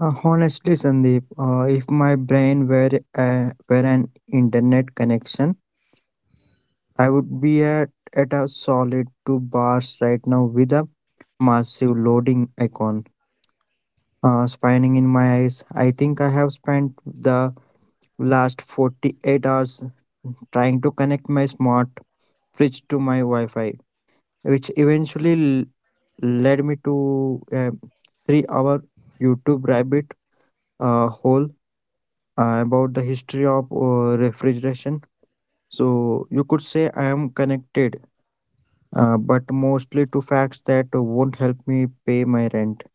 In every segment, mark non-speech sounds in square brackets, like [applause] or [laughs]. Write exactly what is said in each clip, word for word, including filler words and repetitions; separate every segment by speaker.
Speaker 1: Uh, honestly, Sandeep, uh, if my brain were uh, were an internet connection, I would be at at a solid two bars right now with a massive loading icon. Uh, spinning in my eyes. I think I have spent the last forty-eight hours trying to connect my smart fridge to my Wi-Fi, which eventually l- led me to a three-hour YouTube rabbit uh, hole uh, about the history of uh, refrigeration. So you could say I am connected, uh, but mostly to facts that won't help me pay my rent.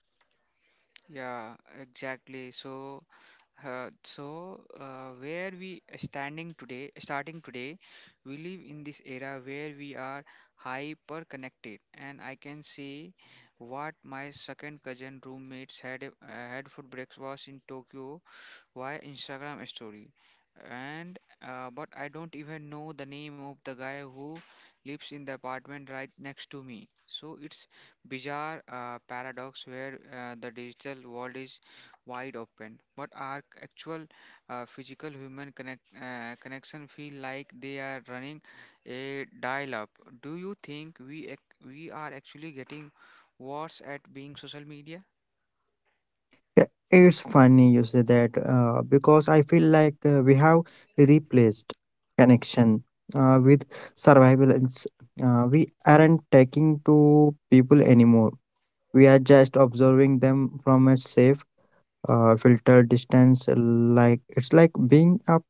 Speaker 1: Yeah. It's funny you say that, uh, because I feel like uh, we have replaced connection uh, with surveillance. Uh, we aren't talking to people anymore. We are just observing them from a safe, uh, filter distance. Like it's like being up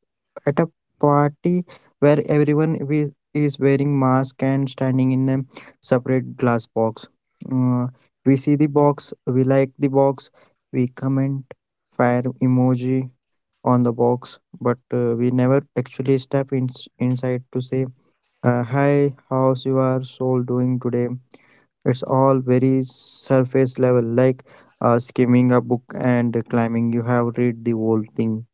Speaker 1: at a party where everyone wi- is wearing mask and standing in a separate glass box. uh, we see the box, we like the box, we comment fire emoji on the box, but uh, we never actually step in, inside to say, uh, hi, how's your soul doing today? It's all very surface level, like uh, skimming a book and climbing. You have read the whole thing.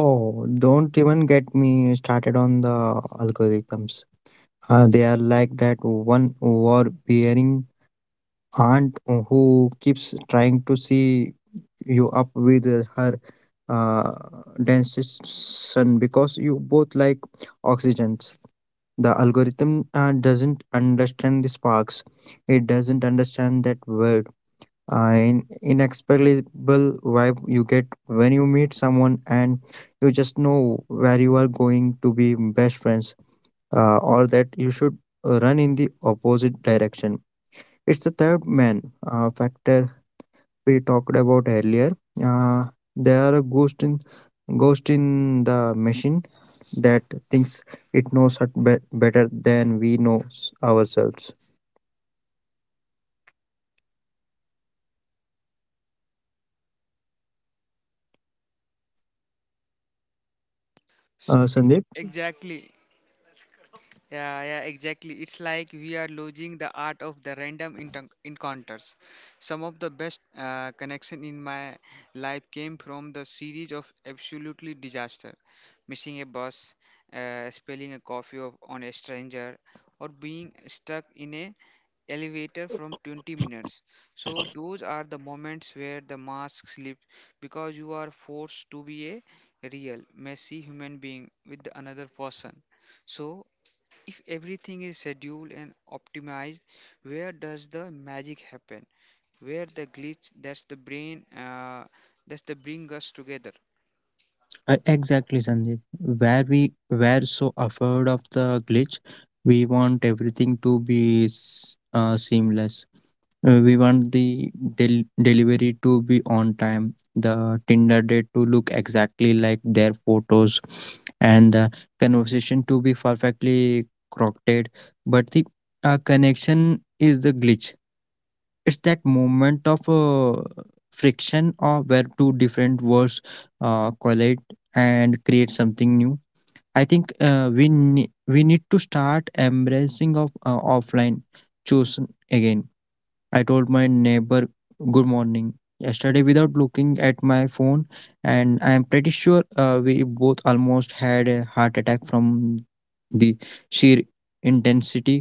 Speaker 1: Oh, don't even get me started on the algorithms. Uh, they are like that one overbearing aunt who keeps trying to see you up with her uh, dentist son because you both like oxygens. The algorithm uh, doesn't understand the sparks. It doesn't understand that word, uh, in inexplicable vibe you get when you meet someone and you just know where you are going to be best friends, uh, or that you should uh, run in the opposite direction. It's the third man uh, factor we talked about earlier. uh, there are a ghost in ghost in the machine that thinks it knows us be- better than we know ourselves, uh, Sandeep. Uh, exactly, Sandeep. Where we were so afraid of the glitch, we want everything to be s- uh, seamless. Uh, we want the del- delivery to be on time, the Tinder date to look exactly like their photos, and the conversation to be perfectly crocketed. But the uh, connection is the glitch. It's that moment of, uh, friction, or where two different worlds uh, collide and create something new. I think uh, we ne- we need to start embracing of uh, offline. Choose again. I told my neighbor good morning yesterday without looking at my phone, and I am pretty sure uh, we both almost had a heart attack from the sheer intensity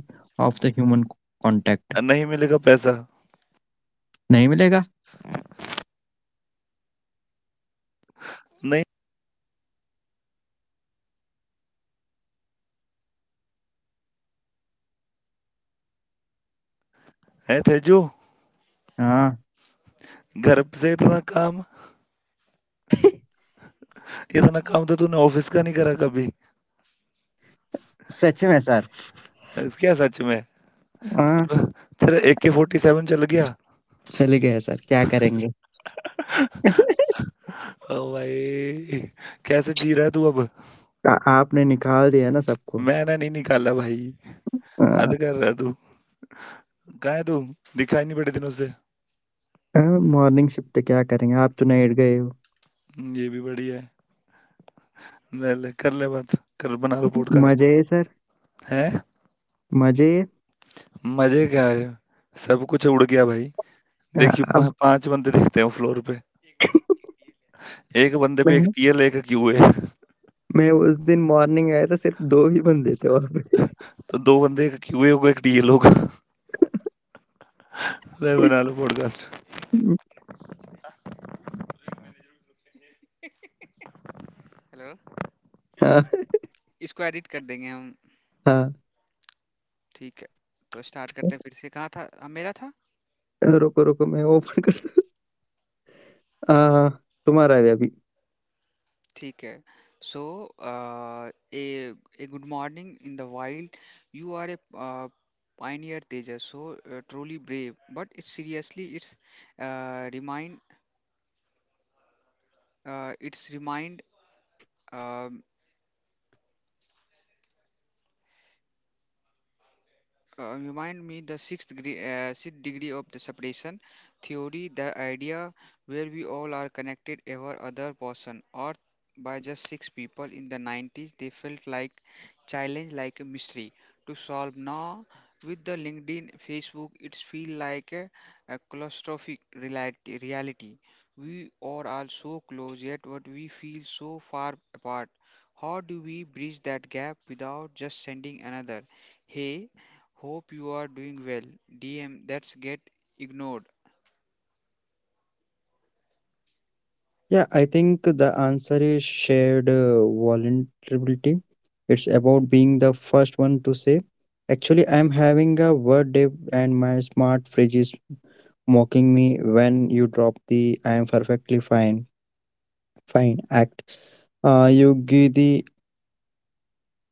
Speaker 1: of the human c- contact.
Speaker 2: नहीं मिलेगा पैसा।
Speaker 1: नहीं मिलेगा.
Speaker 2: नहीं है तेजू?
Speaker 1: हाँ.
Speaker 2: घर से इतना काम, इतना काम तो तूने ऑफिस का नहीं करा कभी।
Speaker 1: सच में सर।
Speaker 2: क्या सच में?
Speaker 1: हाँ,
Speaker 2: और तेरा ए के फोर्टी सेवन चल गया?
Speaker 1: चले गए सर क्या करेंगे? [laughs]
Speaker 2: ओ भाई, कैसे जी रहा है तू अब?
Speaker 1: आ आपने निकाल दिया ना सबको।
Speaker 2: मैंने नहीं निकाला भाई।
Speaker 1: अ
Speaker 2: हद कर रहा है तू। कहाँ है तू? दिखाई नहीं बड़े दिनों से।
Speaker 1: अ, मॉर्निंग शिफ्ट क्या करेंगे? आप तो नाइट गए हो।
Speaker 2: हम्म, ये भी बढ़िया है। ले ले कर, ले बात कर, बना लो पॉडकास्ट।
Speaker 1: मज़े है सर,
Speaker 2: है
Speaker 1: मज़े है।
Speaker 2: मजे क्या है? सब कुछ उड़ गया भाई।
Speaker 1: अ,
Speaker 2: देखियो पा,
Speaker 1: अब
Speaker 2: पांच बंदे दिखते हैं फ्लोर पे।
Speaker 1: [laughs]
Speaker 2: एक बंदे पे एक
Speaker 1: मैं
Speaker 2: टीएल एक क्यू है।
Speaker 1: मैं उस दिन मॉर्निंग आया था सिर्फ़ दो ही बंदे थे वहाँ पे।
Speaker 2: तो दो बंदे, एक क्यूए होगा, एक डीएल होगा। [laughs] ले बना लो पॉडकास्ट।
Speaker 1: [laughs] हाँ, हाँ। रुको, रुको मैं ओपन करता. हाँ, हाँ, तुम्हारा है अभी। Yeah, I think the answer is shared, uh, vulnerability. It's about being the first one to say, actually, I'm having a word day and my smart fridge is mocking me. When you drop the I'm perfectly fine, fine act, Uh, you give the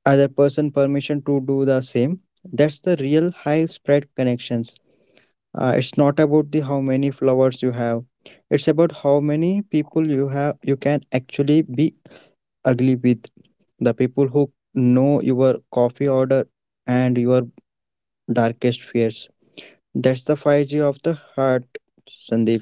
Speaker 1: other person permission to do the same. That's the real high spread connections. Uh, it's not about the how many flowers you have. It's about how many people you have you can actually be ugly with, the people who know your coffee order and your darkest fears. That's the five G of the heart, Sandeep.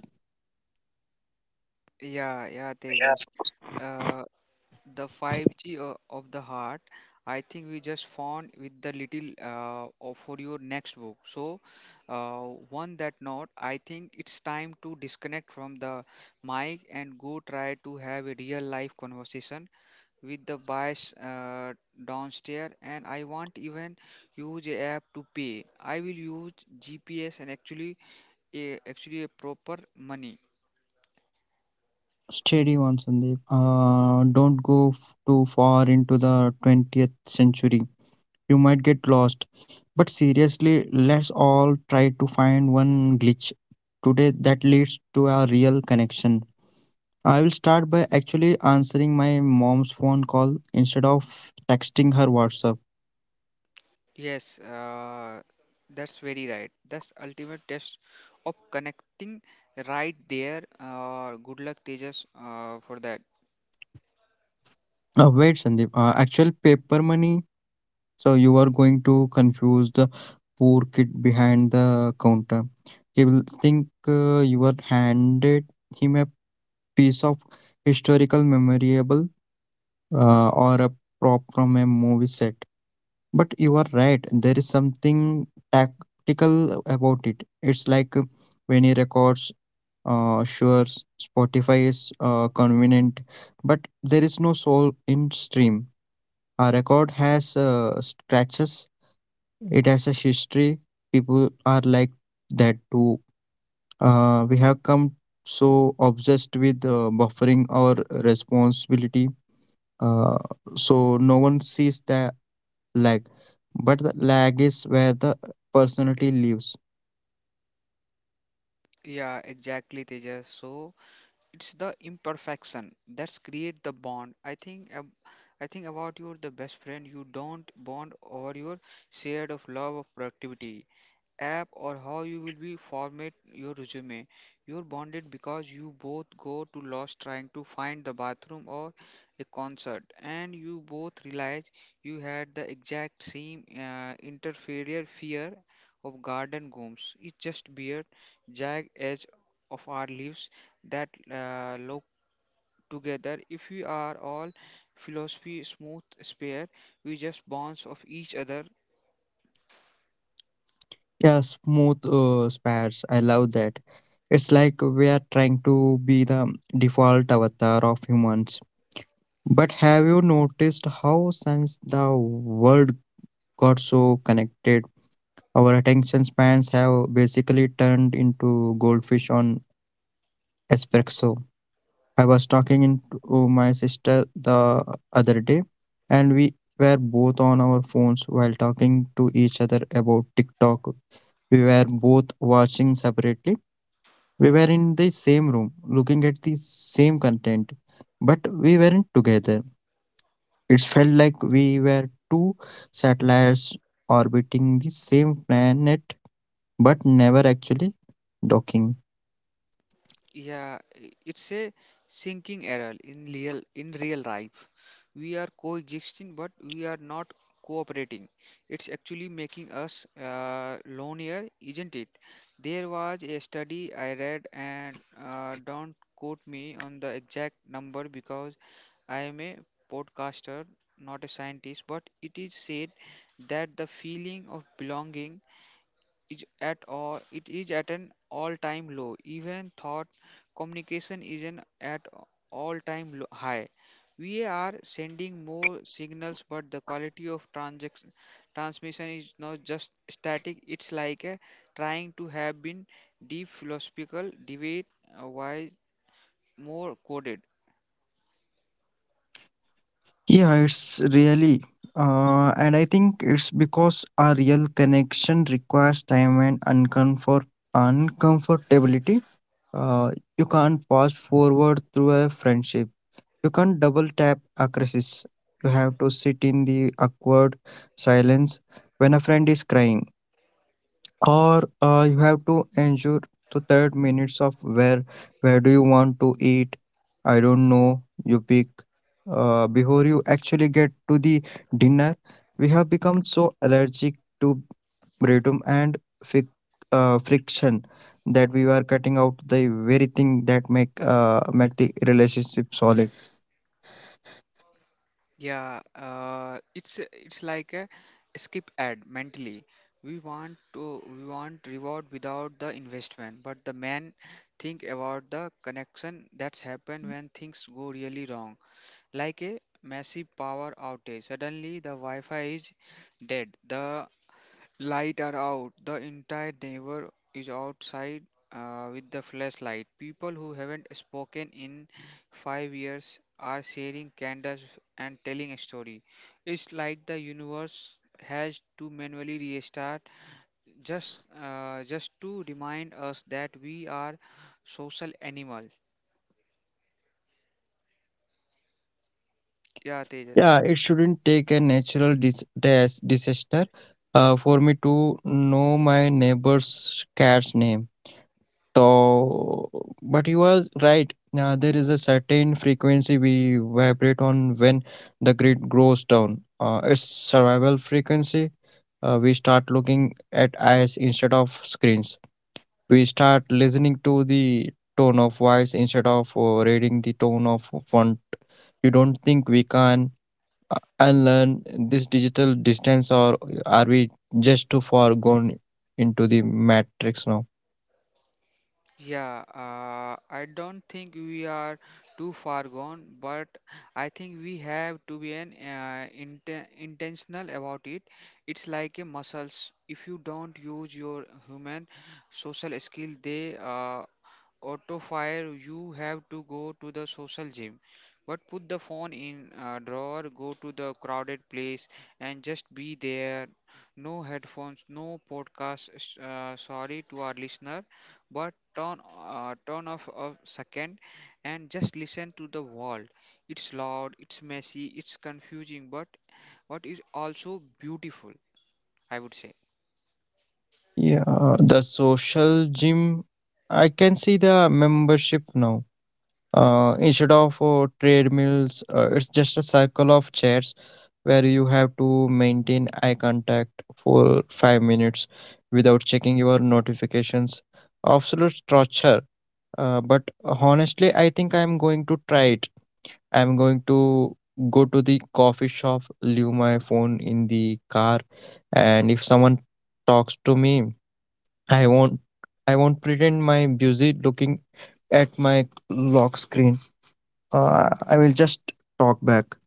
Speaker 1: Steady on, Sandeep. Uh, don't go f- too far into the twentieth century. You might get lost. But seriously, let's all try to find one glitch today that leads to a real connection. I will start by actually answering my mom's phone call instead of texting her WhatsApp. Uh, wait, Sandeep. Uh, actual paper money. So you are going to confuse the poor kid behind the counter. He will think uh, you are handed him a piece of historical memorable, uh, or a prop from a movie set. But you are right. There is something tactical about it. It's like uh, when he records. Uh, sure, Spotify is uh, convenient, but there is no soul in stream. Our record has uh, scratches. It has a history. People are like that too. Uh, we have come so obsessed with uh, buffering our responsibility. Uh, so no one sees the lag, but the lag is where the personality lives. Yeah, smooth uh, spares. I love that. It's like we are trying to be the default avatar of humans. But have you noticed how since the world got so connected. Our attention spans have basically turned into goldfish on espresso. I was talking in- to my sister the other day, and we were both on our phones while talking to each other about TikTok. We were both watching separately. We were in the same room, looking at the same content, but we weren't together. It felt like we were two satellites orbiting the same planet but never actually docking. Yeah, it's really. Uh, and I think it's because a real connection requires time and uncomfort uncomfortability. Uh, you can't fast forward through a friendship. You can't double tap a crisis. You have to sit in the awkward silence when a friend is crying. Or uh, you have to ensure the third minutes of where where do you want to eat? I don't know, you pick, uh, before you actually get to the dinner. We have become so allergic to boredom and fic- uh, friction, that we are cutting out the very thing that make uh, make the relationship solid. Yeah, it shouldn't take a natural dis- dis- disaster uh, for me to know my neighbor's cat's name. So, but you are right. Uh, there is a certain frequency we vibrate on when the grid goes down. Uh, it's survival frequency. Uh, we start looking at eyes instead of screens. We start listening to the tone of voice instead of uh, reading the tone of font. You don't think we can uh, unlearn this digital distance, or are we just too far gone into the matrix now? Yeah, uh, the social gym. I can see the membership now. Uh, instead of uh, treadmills, uh, it's just a cycle of chairs where you have to maintain eye contact for five minutes without checking your notifications. Absolute torture. Uh, but honestly, I think I'm going to try it. I'm going to go to the coffee shop, leave my phone in the car, and if someone talks to me, I won't I won't pretend my busy looking at my lock screen. Uh, I will just talk back.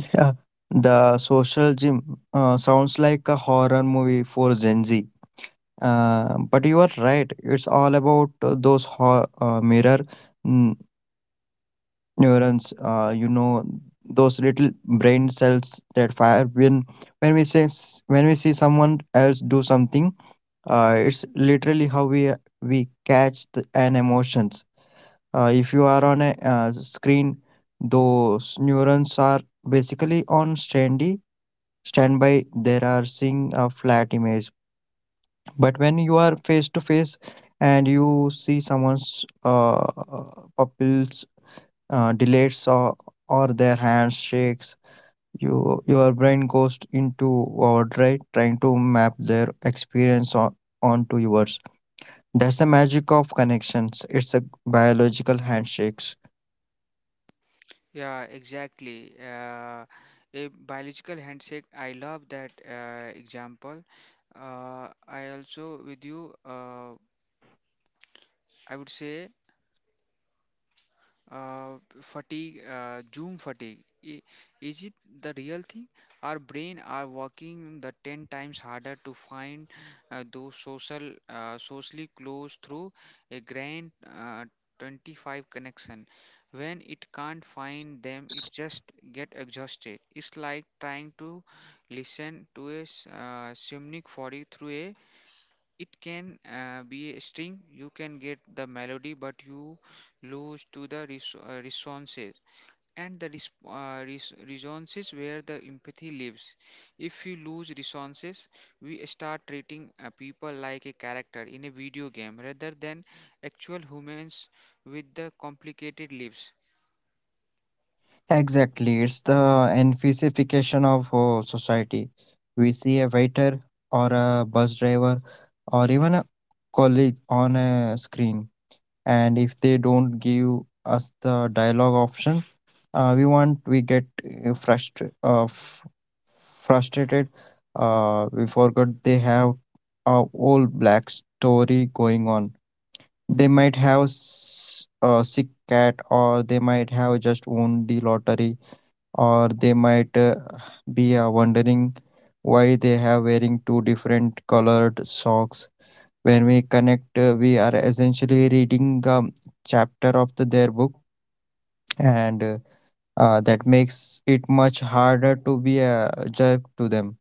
Speaker 1: [laughs] Yeah. The social gym uh, sounds like a horror movie for Gen Z. Uh, but you are right. It's all about uh, those ho- uh, mirror mm, neurons. Uh, you know those little brain cells that fire when when we say s- when we see someone else do something, uh, it's literally how we we catch the, an emotions. Uh, if you are on a, uh, screen, those neurons are basically on standy standby. They are seeing a flat image, but when you are face to face and you see someone's, uh, pupils, uh, dilates, or, or their hands shakes, you your brain goes into overdrive trying to map their experience on, onto yours. That's the magic of connections. It's a biological handshakes. Exactly. It's the emphasis of uh, society. We see a waiter or a bus driver or even a colleague on a screen. And if they don't give us the dialogue option, uh, we want we get uh, frustra- uh, f- frustrated. Uh, we forgot they have a whole black story going on. They might have s- a sick cat, or they might have just won the lottery, or they might uh, be uh, wondering why they have wearing two different colored socks. When we connect, uh, we are essentially reading a chapter of the, their book, and uh, uh, that makes it much harder to be a jerk to them.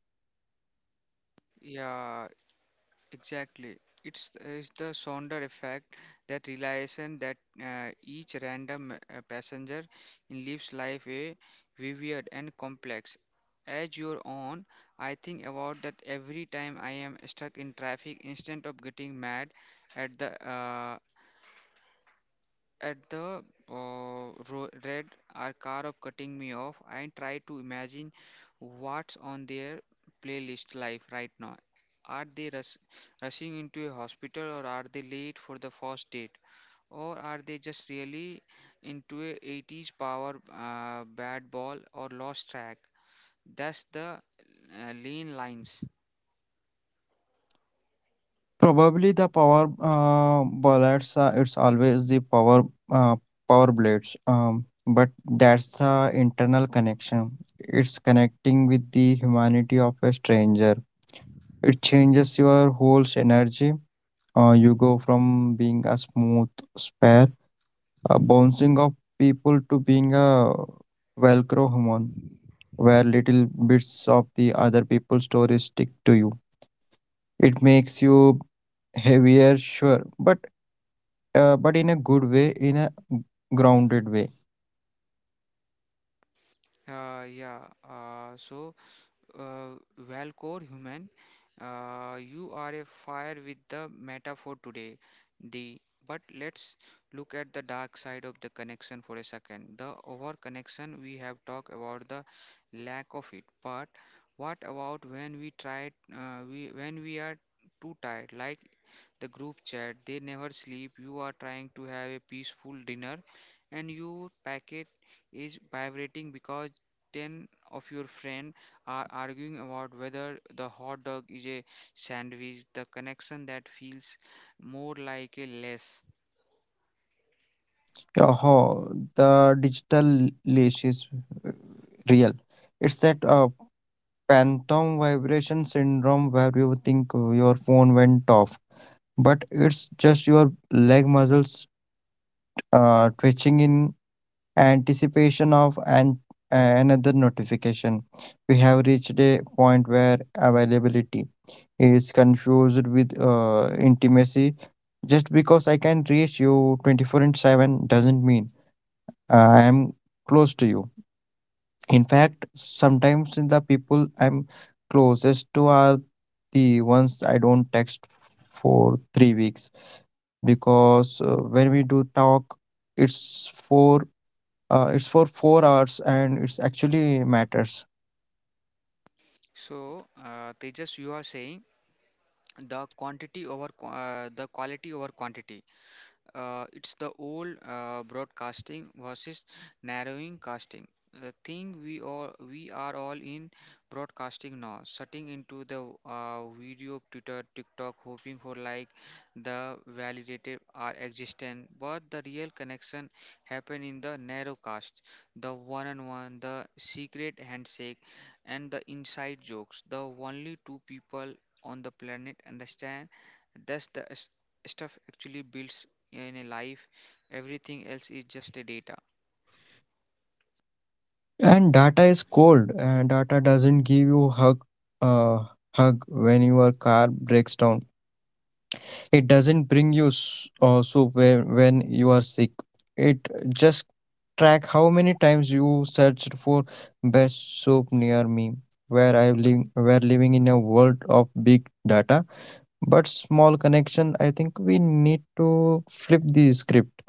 Speaker 1: Probably the power uh, bullets. Uh, it's always the power, uh, power blades. Um, but that's the internal connection. It's connecting with the humanity of a stranger. It changes your whole energy. Uh, you go from being a smooth spare, a bouncing of people, to being a velcro human, where little bits of the other people's stories stick to you. It makes you heavier, sure, but uh, but in a good way, in a grounded way. Yeah, how the digital leash is, uh, real. It's that uh, phantom vibration syndrome where you think your phone went off, but it's just your leg muscles uh, twitching in anticipation of an another notification. We have reached a point where availability is confused with uh, intimacy. Just because I can reach you twenty-four and seven doesn't mean uh, I am close to you. In fact, sometimes the people I'm closest to are the ones I don't text for three weeks because uh, when we do talk, it's for uh, it's for four hours and it's actually matters. And data is cold. And data doesn't give you hug uh, hug when your car breaks down. It doesn't bring you s- uh, soup whe- when you are sick. It just track how many times you searched for best soup near me. Where I live, we're living in a world of big data, but small connection. I think we need to flip the script.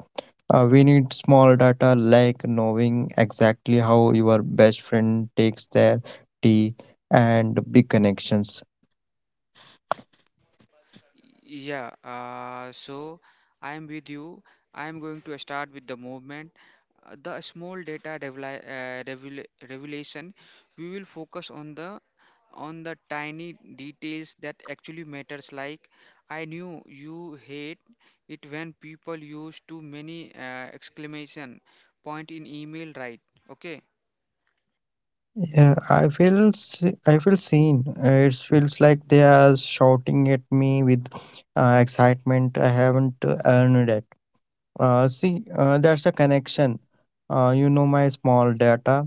Speaker 1: Uh, we need small data, like knowing exactly how your best friend takes their tea and big connections. Yeah, I feel se- I feel seen. Uh, It feels like they are shouting at me with uh, excitement. I haven't uh, earned it. Uh, see, uh, that's a connection. Uh, you know my small data.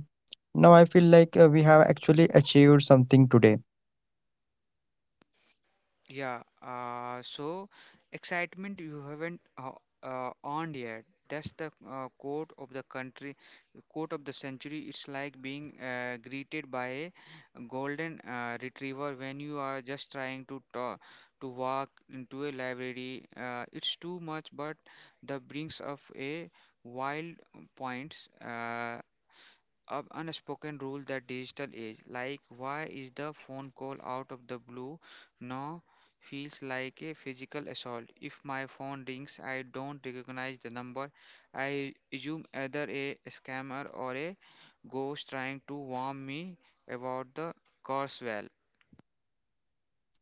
Speaker 1: Now I feel like uh, we have actually achieved something today.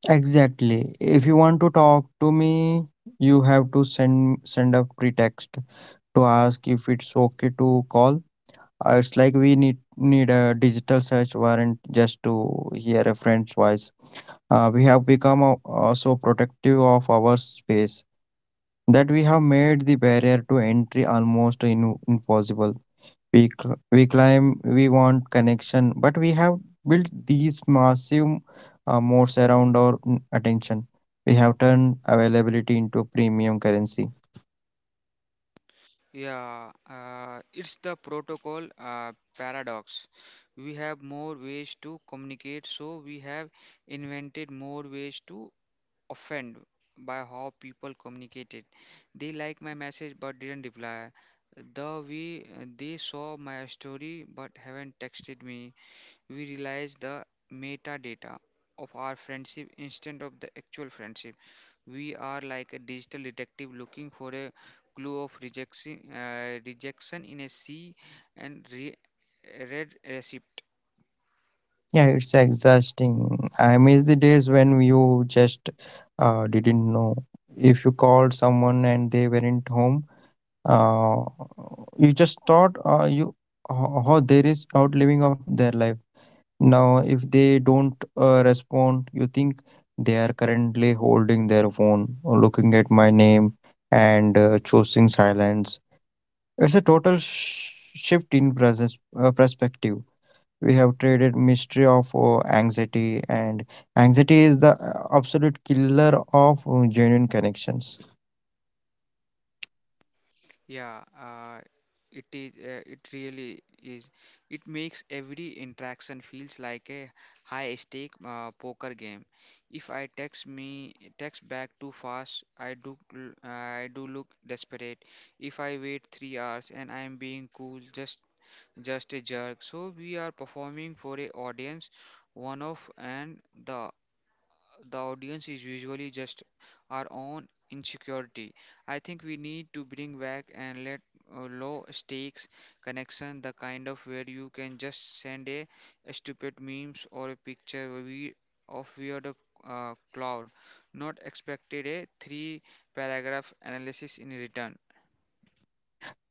Speaker 1: Exactly. If you want to talk to me, you have to send send a pretext to ask if it's okay to call. Uh, it's like we need need a digital search warrant just to hear a friend's voice. Uh, we have become uh, uh, so protective of our space that we have made the barrier to entry almost in, impossible. We cl- we climb, we want connection, but we have built these massive uh, moats around our mm, attention. We have turned availability into premium currency. Yeah, it's exhausting. I miss the days when you just uh, didn't know. If you called someone and they weren't home, uh, you just thought uh, you ho- how there is out living of their life. Now, if they don't uh, respond, you think they are currently holding their phone, or looking at my name, and uh, choosing silence. It's a total sh- shift in presence uh, perspective. We have traded mystery of uh, anxiety, and anxiety is the uh, absolute killer of uh, genuine connections.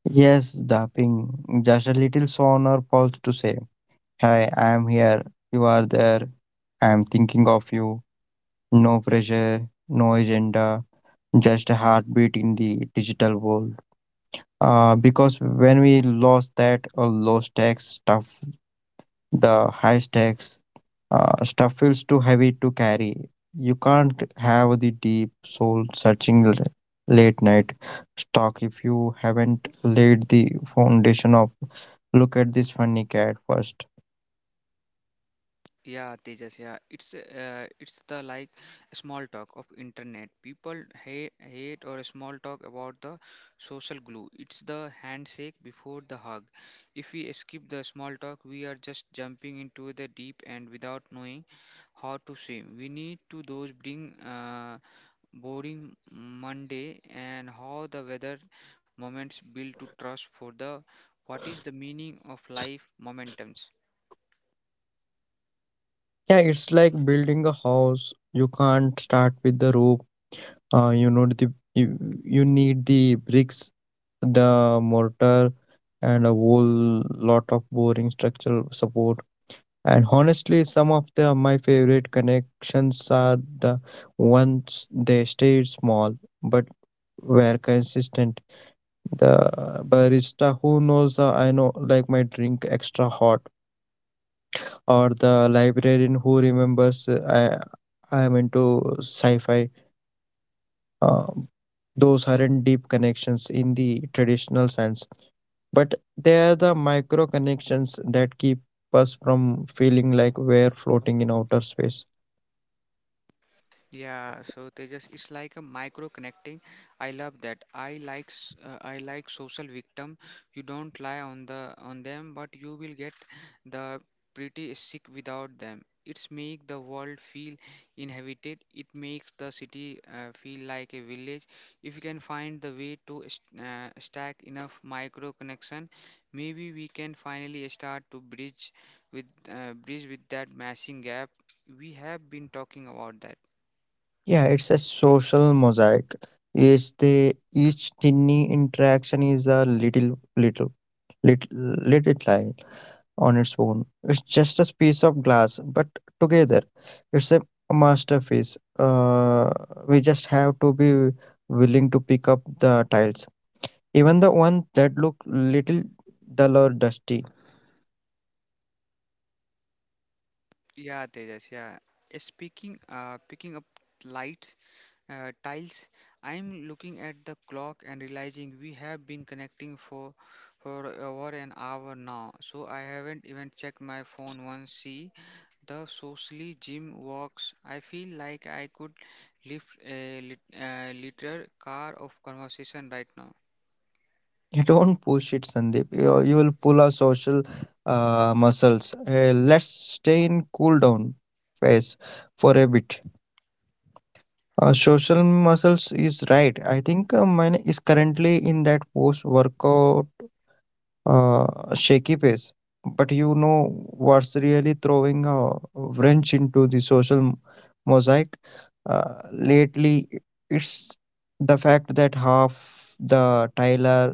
Speaker 1: Yes, dapping just a little on our pulse to say hi, I am here, you are there, I am thinking of you, no pressure, no agenda, just a heartbeat in the digital world. Uh, because when we lost that uh, low stakes stuff, the high stakes Uh, stuff feels too heavy to carry. You can't have the deep soul searching l- late night stock if you haven't laid the foundation of look at this funny cat first. Yeah, it's like building a house. You can't start with the roof. Uh, you know the you, you need the bricks, the mortar, and a whole lot of boring structural support. And honestly, some of the my favorite connections are the ones they stayed small but were consistent. The barista who knows uh, I know like my drink extra hot, or the librarian who remembers uh, I I am into sci-fi. Uh, those aren't deep connections in the traditional sense, but they are the micro connections that keep us from feeling like we're floating in outer space. Yeah, it's a social mosaic. Each the each tiny interaction is a little little little little lie on its own. It's just a piece of glass, but together it's a masterpiece. Uh, we just have to be willing to pick up the tiles, even the ones that look little dull or dusty. You don't push it, Sandeep. You, you will pull our social uh, muscles. Uh, let's stay in cool down phase for a bit. Uh, social muscles is right. I think uh, mine is currently in that post workout uh, shaky phase. But you know what's really throwing a wrench into the social mosaic uh, lately? It's the fact that half the Tyler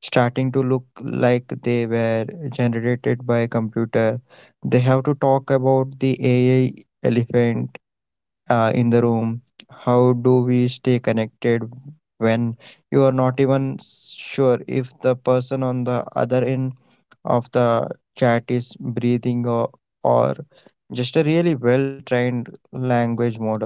Speaker 1: starting to look like they were generated by a computer. They have to talk about the A I elephant uh, in the room. How do we stay connected when you are not even sure if the person on the other end of the chat is breathing, or, or just a really well trained language model?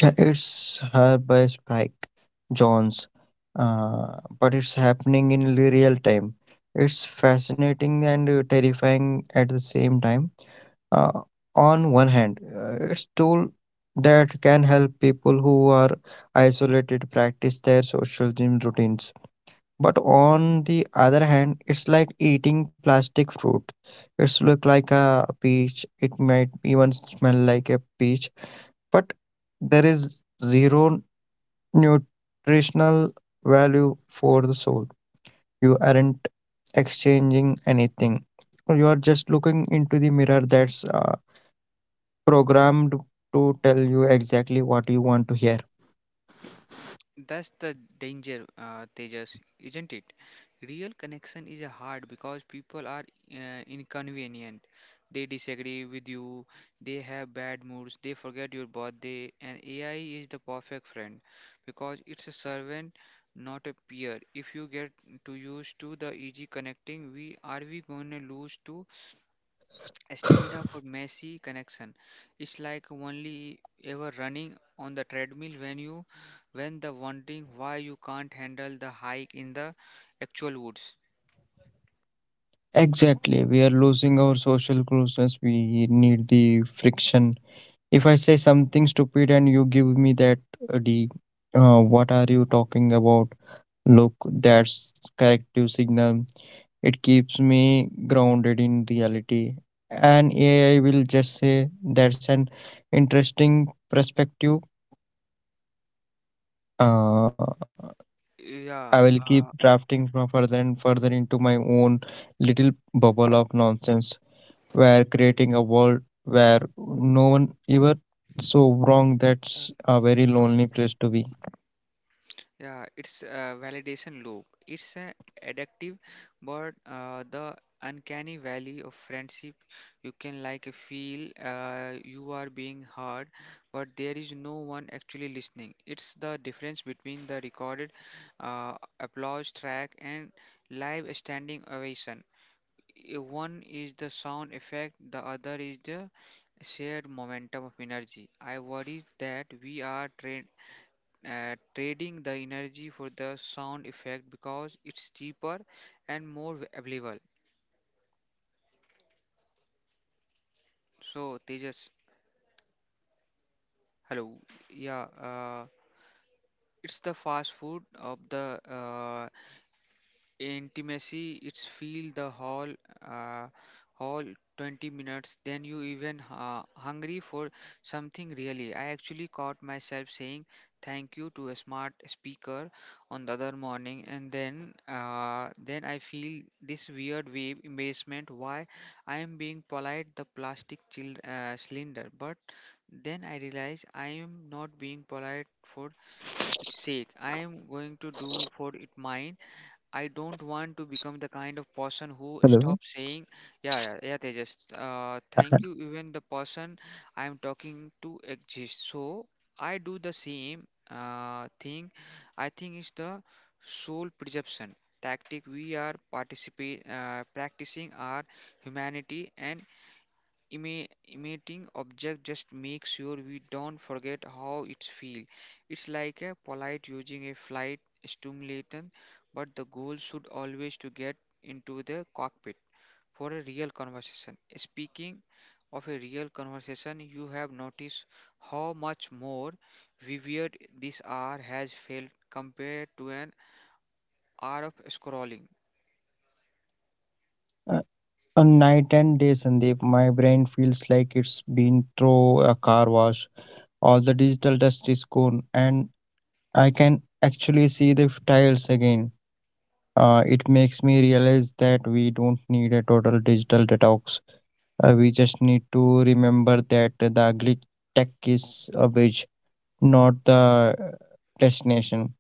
Speaker 1: Yeah, it's her by Spike Jones, uh, but it's happening in li- real time. It's fascinating and uh, terrifying at the same time. Uh, on one hand, uh, it's tool that can help people who are isolated practice their social gym routines. But on the other hand, it's like eating plastic fruit. It's look like a peach. It might even smell like a peach, but there is zero nutritional value for the soul. You aren't exchanging anything. You are just looking into the mirror that's uh, programmed to tell you exactly what you want to hear. Exactly. We are losing our social closeness. We need the friction. If I say something stupid and you give me that, uh, the uh, what are you talking about? Look, that's corrective signal. It keeps me grounded in reality. And A I will just say that's an interesting perspective. Uh, I will keep drafting from further and further into my own little bubble of nonsense, where creating a world where no one ever so wrong. That's a very lonely place to be. Hello. A night and day, Sandeep, my brain feels like it's been through a car wash. All the digital dust is gone, and I can actually see the tiles again. Uh, it makes me realize that we don't need a total digital detox. Uh, we just need to remember that the ugly tech is a bridge, not the uh, destination.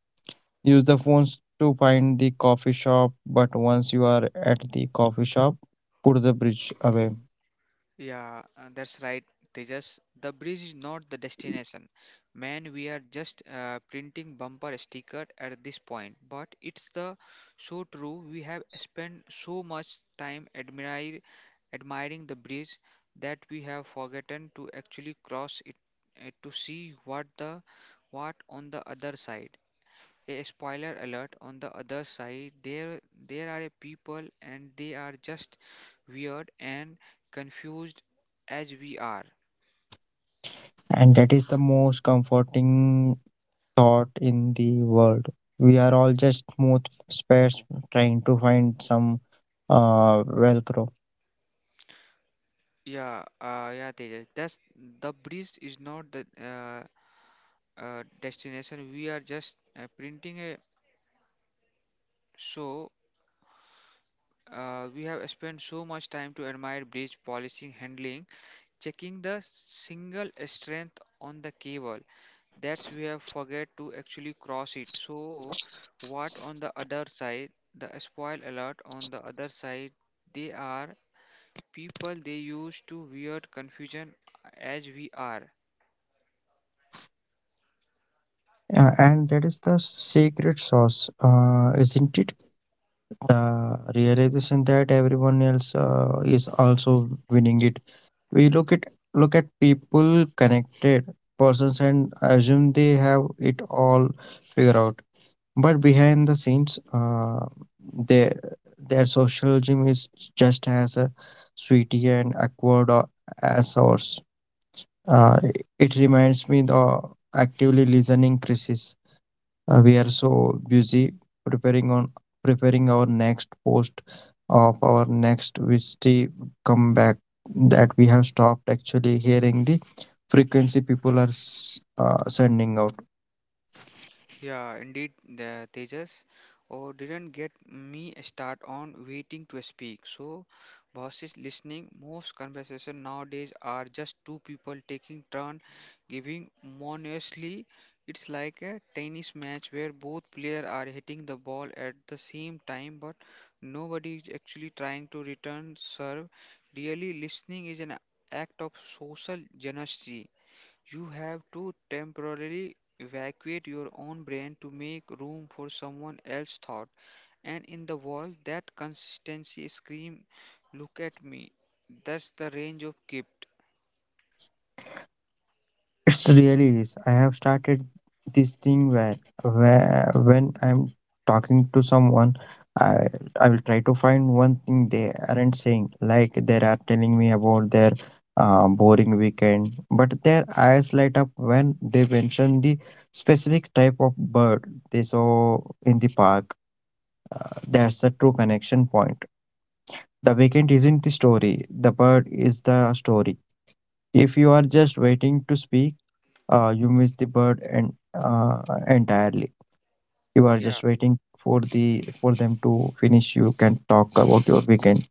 Speaker 1: Use the phones to find the coffee shop, but once you are at the coffee shop, put the bridge away. And that is the most comforting thought in the world. We are all just smooth spares trying to find some uh, Velcro. Uh, and that is the secret sauce, uh, isn't it? The realization that everyone else uh, is also winning it. We look at Look at people connected persons and assume they have it all figured out. But behind the scenes, uh, their their social gym is just as uh, sweaty and awkward uh, as ours. Uh, it reminds me the actively listening crisis. Uh, we are so busy preparing on preparing our next post of our next Vishti comeback that we have stopped actually hearing the frequency people are s- uh, sending out. It's really is. I have started this thing where, where when I'm talking to someone, I I will try to find one thing they aren't saying. Like they are telling me about their uh, boring weekend, but their eyes light up when they mention the specific type of bird they saw in the park. That's the true connection point. The weekend isn't the story. The bird is the story. If you are just waiting to speak, uh, you miss the bird and uh, entirely. You are just waiting for the for them to finish you can talk about your weekend,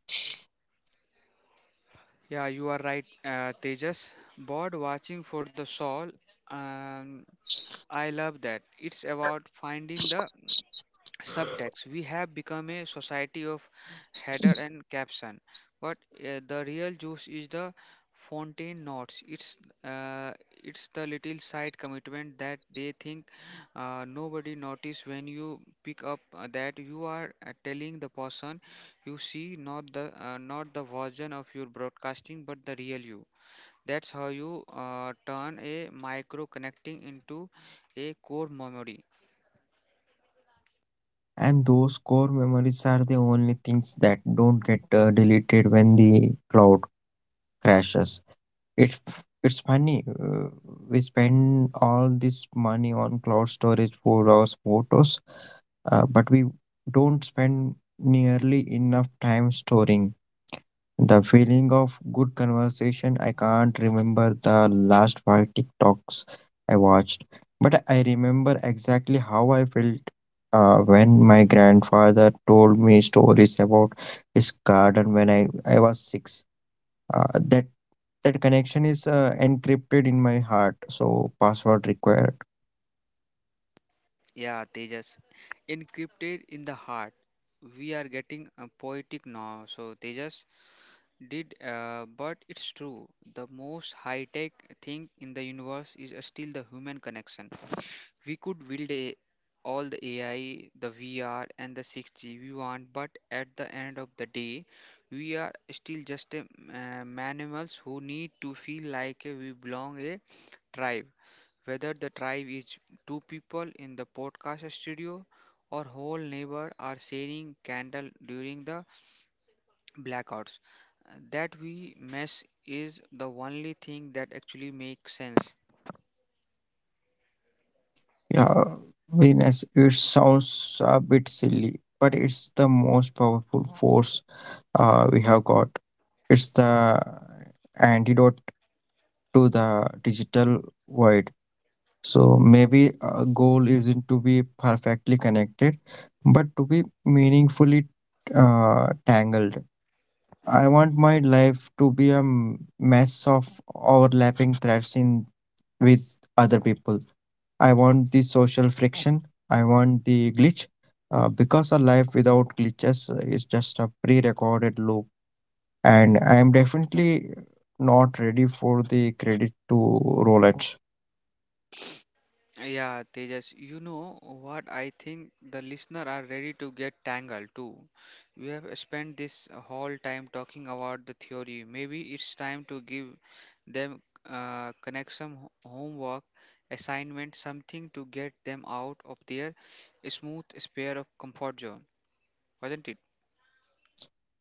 Speaker 1: and those core memories are the only things that don't get uh, deleted when the cloud crashes. It it's funny, uh, we spend all this money on cloud storage for our photos, uh, but we don't spend nearly enough time storing the feeling of good conversation. I can't remember the last five TikToks I watched, but I remember exactly how I felt uh, when my grandfather told me stories about his garden when I, I was six. Uh, that that connection is uh, encrypted in my heart, so password required. Yeah, Venus, it sounds a bit silly, but it's the most powerful force uh, we have got. It's the antidote to the digital void. So maybe a goal isn't to be perfectly connected, but to be meaningfully uh, tangled. I want my life to be a m- mess of overlapping threads in with other people. I want the social friction. I want the glitch. Uh, because a life without glitches is just a pre-recorded loop, and I am definitely not ready for the credit to roll Rolex.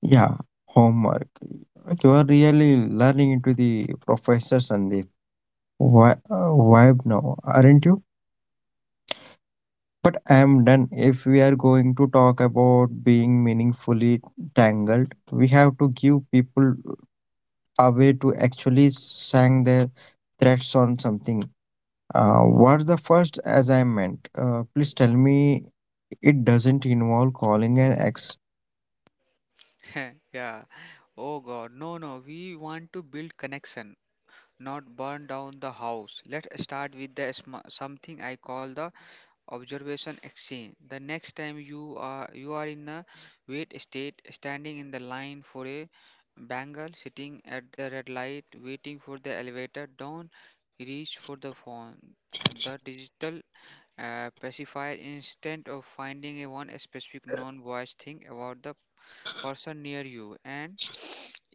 Speaker 1: Yeah, homework. Like, you are really learning into the professor Sandeep. Why, vibe now, aren't you? But I am done. If we are going to talk about being meaningfully tangled, we have to give people a way to actually sang their threats on something. Uh, what's the first assignment? Uh, please tell me it doesn't involve calling an ex.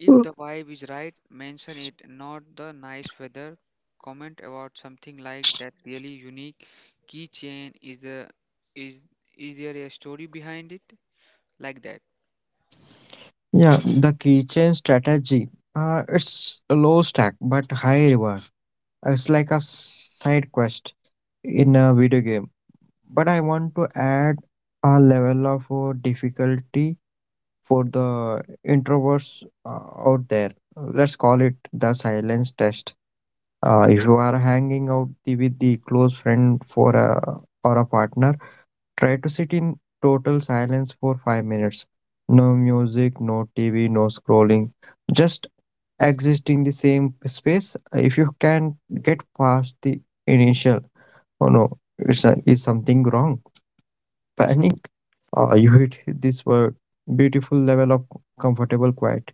Speaker 1: Mm. Yeah, the keychain strategy. Uh, it's a low stack but high reward. It's like a side quest in a video game. But I want to add a level of uh, difficulty for the introverts uh, out there. Let's call it the silence test. Uh, if you are hanging out the, with the close friend for a or a partner, try to sit in total silence for five minutes. No music, no T V, no scrolling. Just exist in the same space. If you can get past the initial, oh no, is, is something wrong? [laughs] Panic. Uh, you hit this word. Beautiful level of comfortable quiet.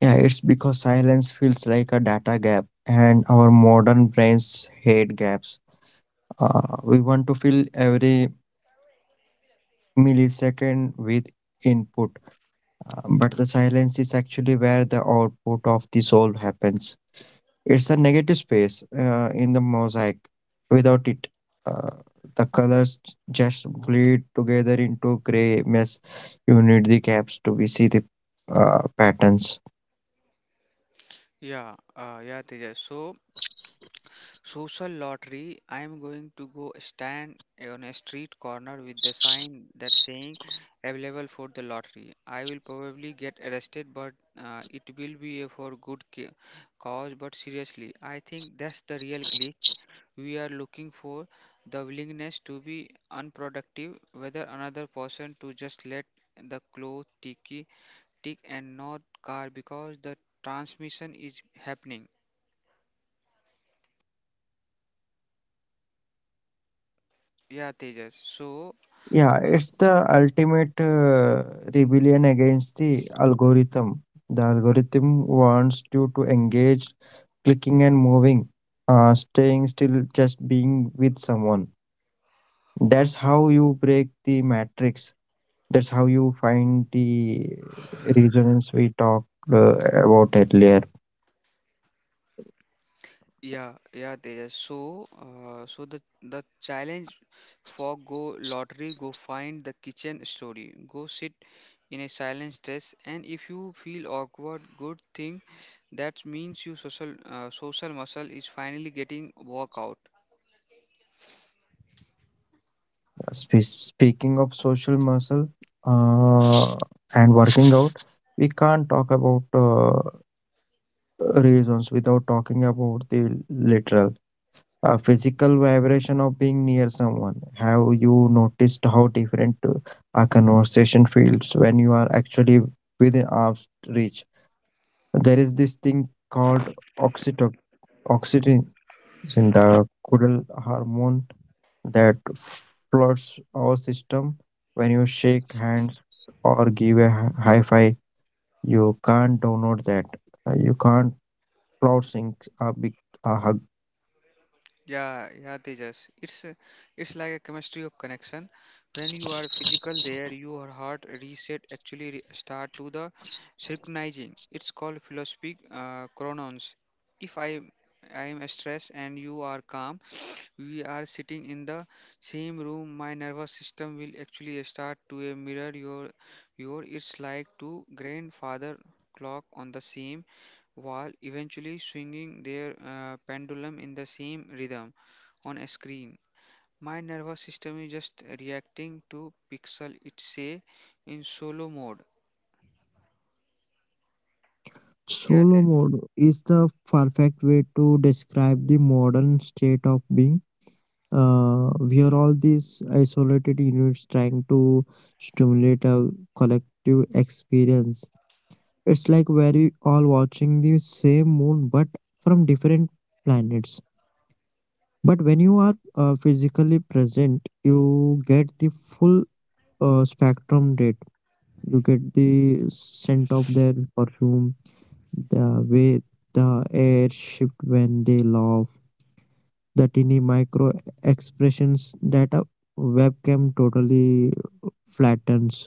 Speaker 1: Yeah, it's because silence feels like a data gap, and our modern brains hate gaps. Uh, we want to fill every millisecond with input. Um, But the silence is actually where the output of the soul happens. It's a negative space uh, in the mosaic. Without it, uh, the colors just bleed together into gray mess. You need the gaps to be see the uh, patterns. Yeah, it's the ultimate uh, rebellion against the algorithm. The algorithm wants you to engage, clicking and moving, uh, staying still, just being with someone. That's how you break the matrix. That's how you find the resonance we talked uh, about earlier. Spe- speaking of social muscle uh, and working out, we can't talk about uh, reasons without talking about the literal uh, physical vibration of being near someone. Have you noticed how different uh, a conversation feels when you are actually within arm's reach? There is this thing called oxyto- oxytocin, the cuddle hormone that floods our system when you shake hands or give a hi- high five. You can't download that. Uh, You can't cloud sync a big a hug. Solo mode is the perfect way to describe the modern state of being. Uh, we are all these isolated units trying to stimulate a collective experience. It's like we're all watching the same moon but from different planets. But when you are uh, physically present, you get the full uh, spectrum date. You get the scent of their perfume, the way the air shift when they laugh, the tiny micro expressions that a webcam totally flattens.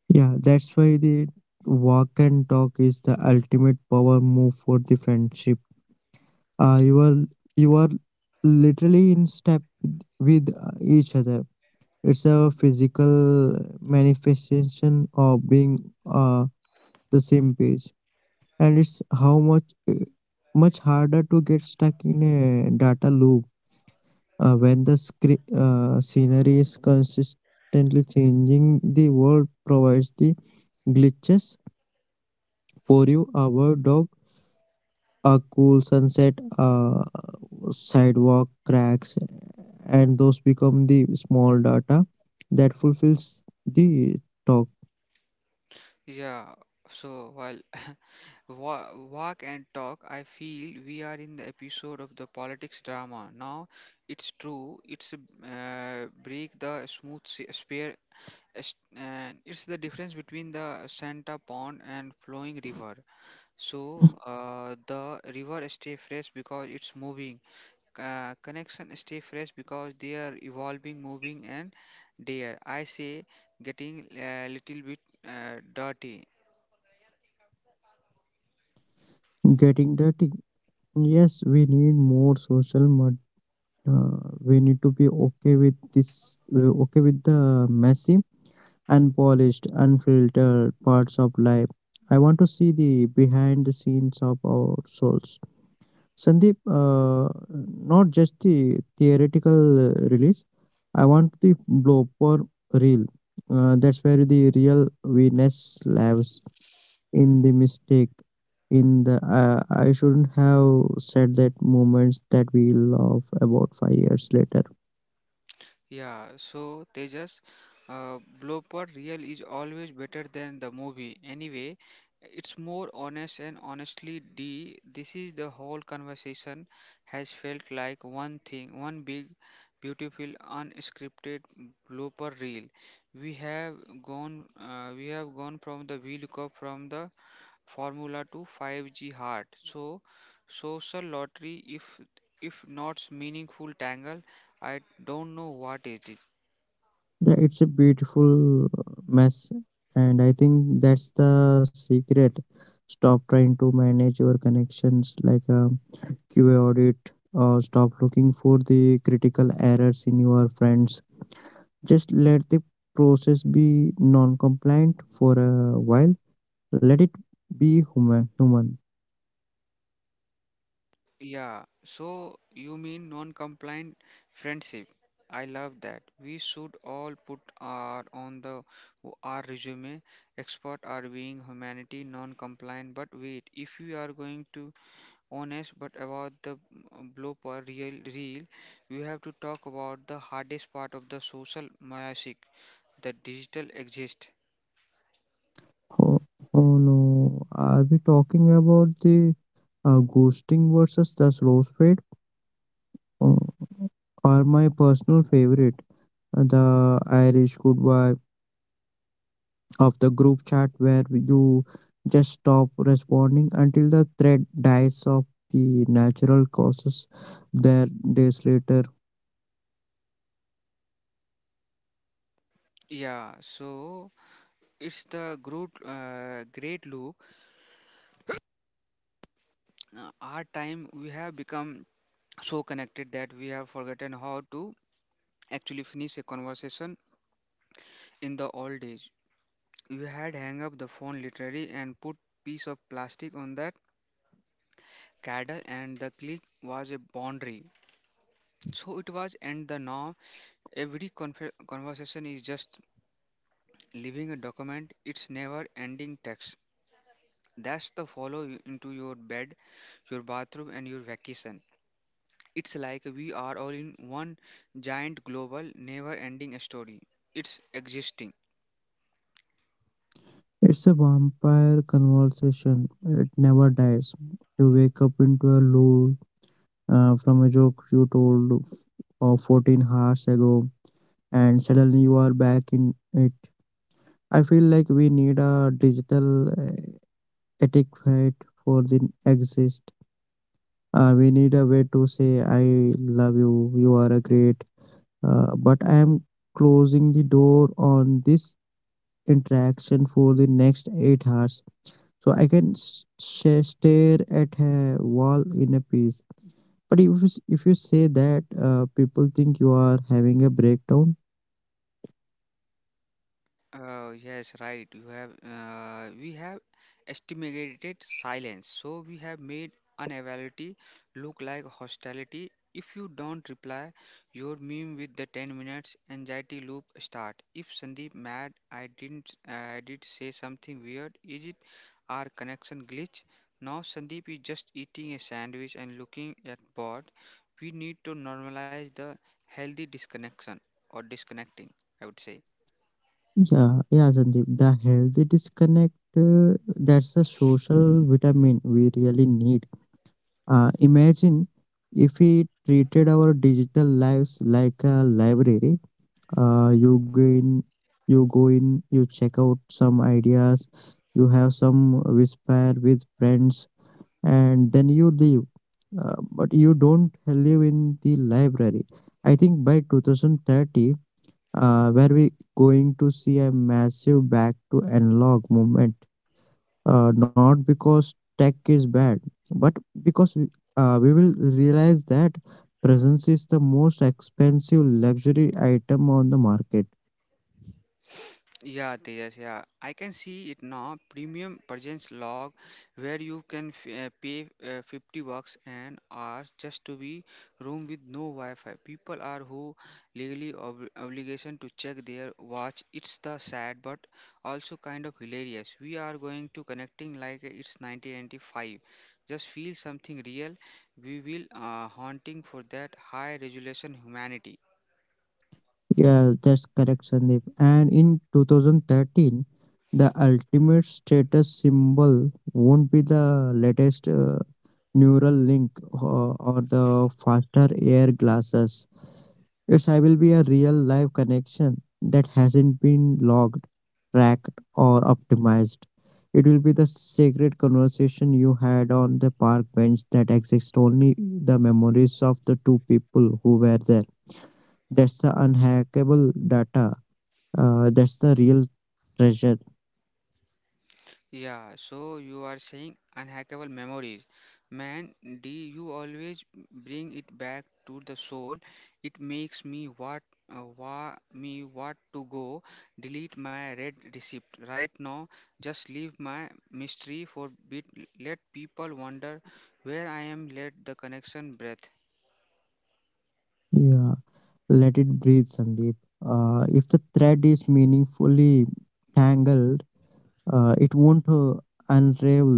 Speaker 1: Yeah, that's why the walk and talk is the ultimate power move for the friendship. uh, you are you are literally in step with uh, each other. It's a physical manifestation of being uh, the same page, and it's how much uh, much harder to get stuck in a data loop uh, when the scre- uh, scenery is consistently changing. The world provides the glitches for you, our dog, a cool sunset, uh, sidewalk cracks, and those become the small data that fulfills the talk. Getting dirty. Yes, we need more social, but uh, we need to be okay with this, uh, okay with the messy, unpolished, unfiltered parts of life. I want to see the behind the scenes of our souls, Sandeep, uh, not just the theoretical uh, release. I want the blooper reel. Uh, that's where the real Venus lives. In the mistake. In the uh, I shouldn't have said that moments that we love about five years later. Yeah, it's a beautiful mess, and I think that's the secret. Stop trying to manage your connections like a Q A audit. Uh, stop looking for the critical errors in your friends. Just let the process be non compliant for a while. Let it be human. Human. Oh, oh no, are we talking about the uh, ghosting versus the slow fade? Oh, are my personal favorite, uh, the Irish goodbye. Of the group chat where you just stop responding until the thread dies of the natural causes there days later. It's a vampire conversation. It never dies. You wake up into a lull uh, from a joke you told uh, fourteen hours ago, and suddenly you are back in it. I feel like we need a digital uh, etiquette for the exist. Uh, we need a way to say, I love you, you are a great. Uh, but I am closing the door on this interaction for the next eight hours. So I can s- sh- stare at a wall in a peace. But if you, s- if you say that, uh, people think you are having a breakdown. Yeah, yeah, Sandeep. The healthy disconnect, uh, that's a social vitamin we really need. Uh, imagine if we treated our digital lives like a library. Uh, you go in, you go in, you check out some ideas, you have some whisper with friends, and then you leave. Uh, but you don't live in the library. I think by two thousand thirty, uh, where we going to see a massive back to analog movement uh, not because tech is bad, but because we, uh, we will realize that presence is the most expensive luxury item on the market. Yes, that's correct, Sandeep. And in two thousand thirteen, the ultimate status symbol won't be the latest uh, neural link or, or the faster air glasses. It's I will be a real live connection that hasn't been logged, tracked, or optimized. It will be the sacred conversation you had on the park bench that exists only the memories of the two people who were there. That's the unhackable data. Uh, that's the real treasure. Yeah, let it breathe, Sandeep. Uh, if the thread is meaningfully tangled, Uh, it won't uh, unravel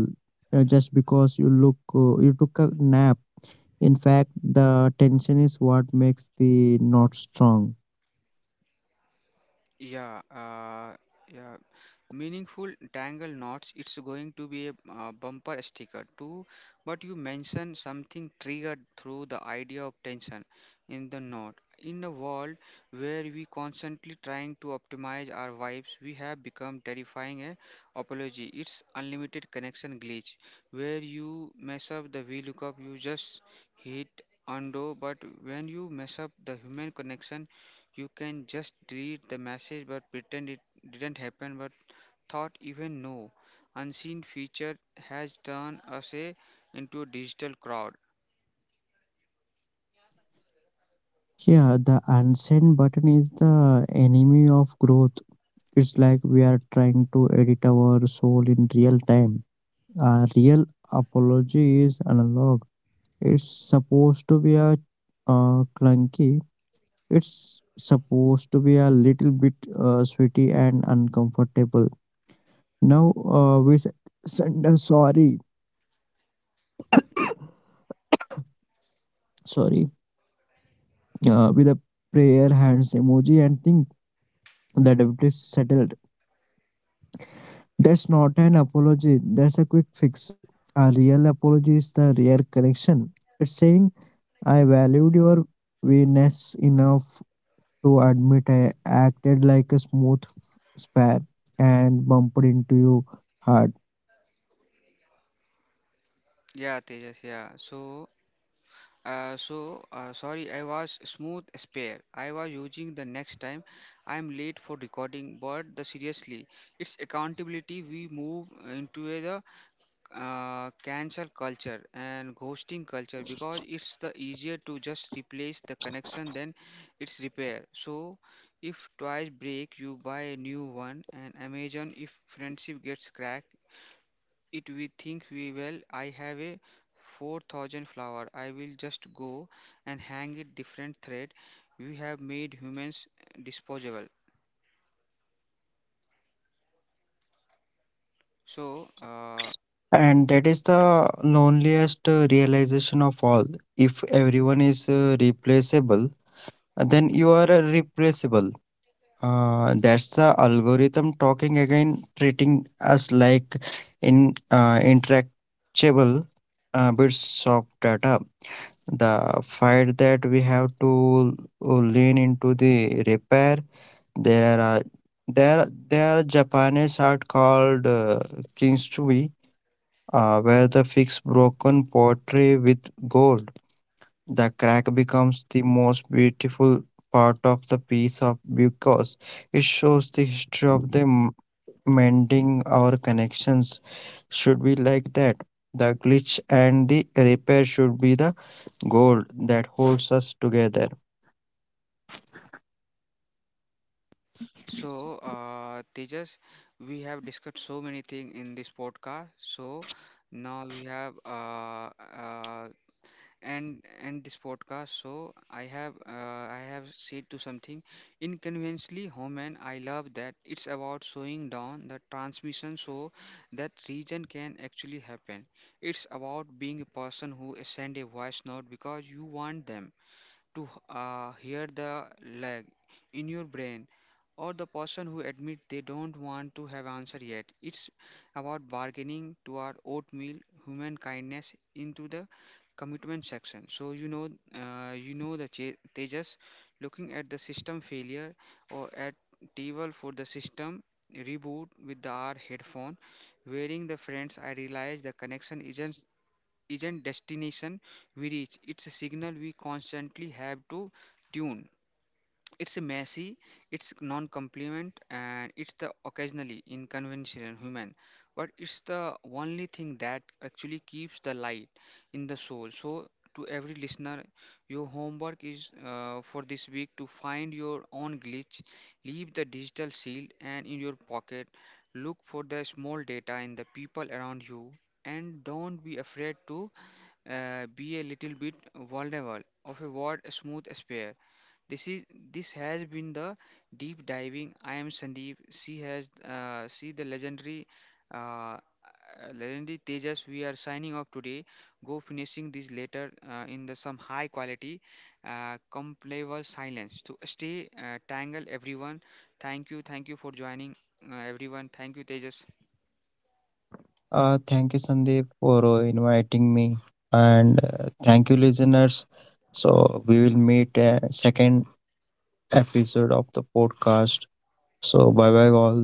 Speaker 1: uh, just because you look uh, you took a nap. In fact, the tension is what makes the knot strong. Yeah, the unsend button is the enemy of growth. It's like we are trying to edit our soul in real time. A real apology is analog. It's supposed to be a uh, clunky. It's supposed to be a little bit uh, sweaty and uncomfortable. Now uh, we s- send a sorry, sorry, uh, with a prayer hands emoji and think that it is settled. That's not an apology. That's a quick fix. A real apology is the real connection. It's saying I valued your weakness enough to admit I acted like a smooth spare and bumped into you hard. And that is the loneliest uh, realization of all. If everyone is uh, replaceable, then you are uh, replaceable. Uh, that's the algorithm talking again, treating us like in uh, intractable uh, bits of data. The fight that we have to uh, lean into the repair. There are uh, there there are Japanese art called uh, kintsugi, uh, where the fix broken pottery with gold. The crack becomes the most beautiful part of the piece of because it shows the history of the m- mending our connections should be like that. The glitch and the repair should be the gold that holds us together. Uh, thank you, Sandeep, for uh, inviting me, and uh, thank you, listeners. So we will meet uh, second episode of the podcast. So bye bye all.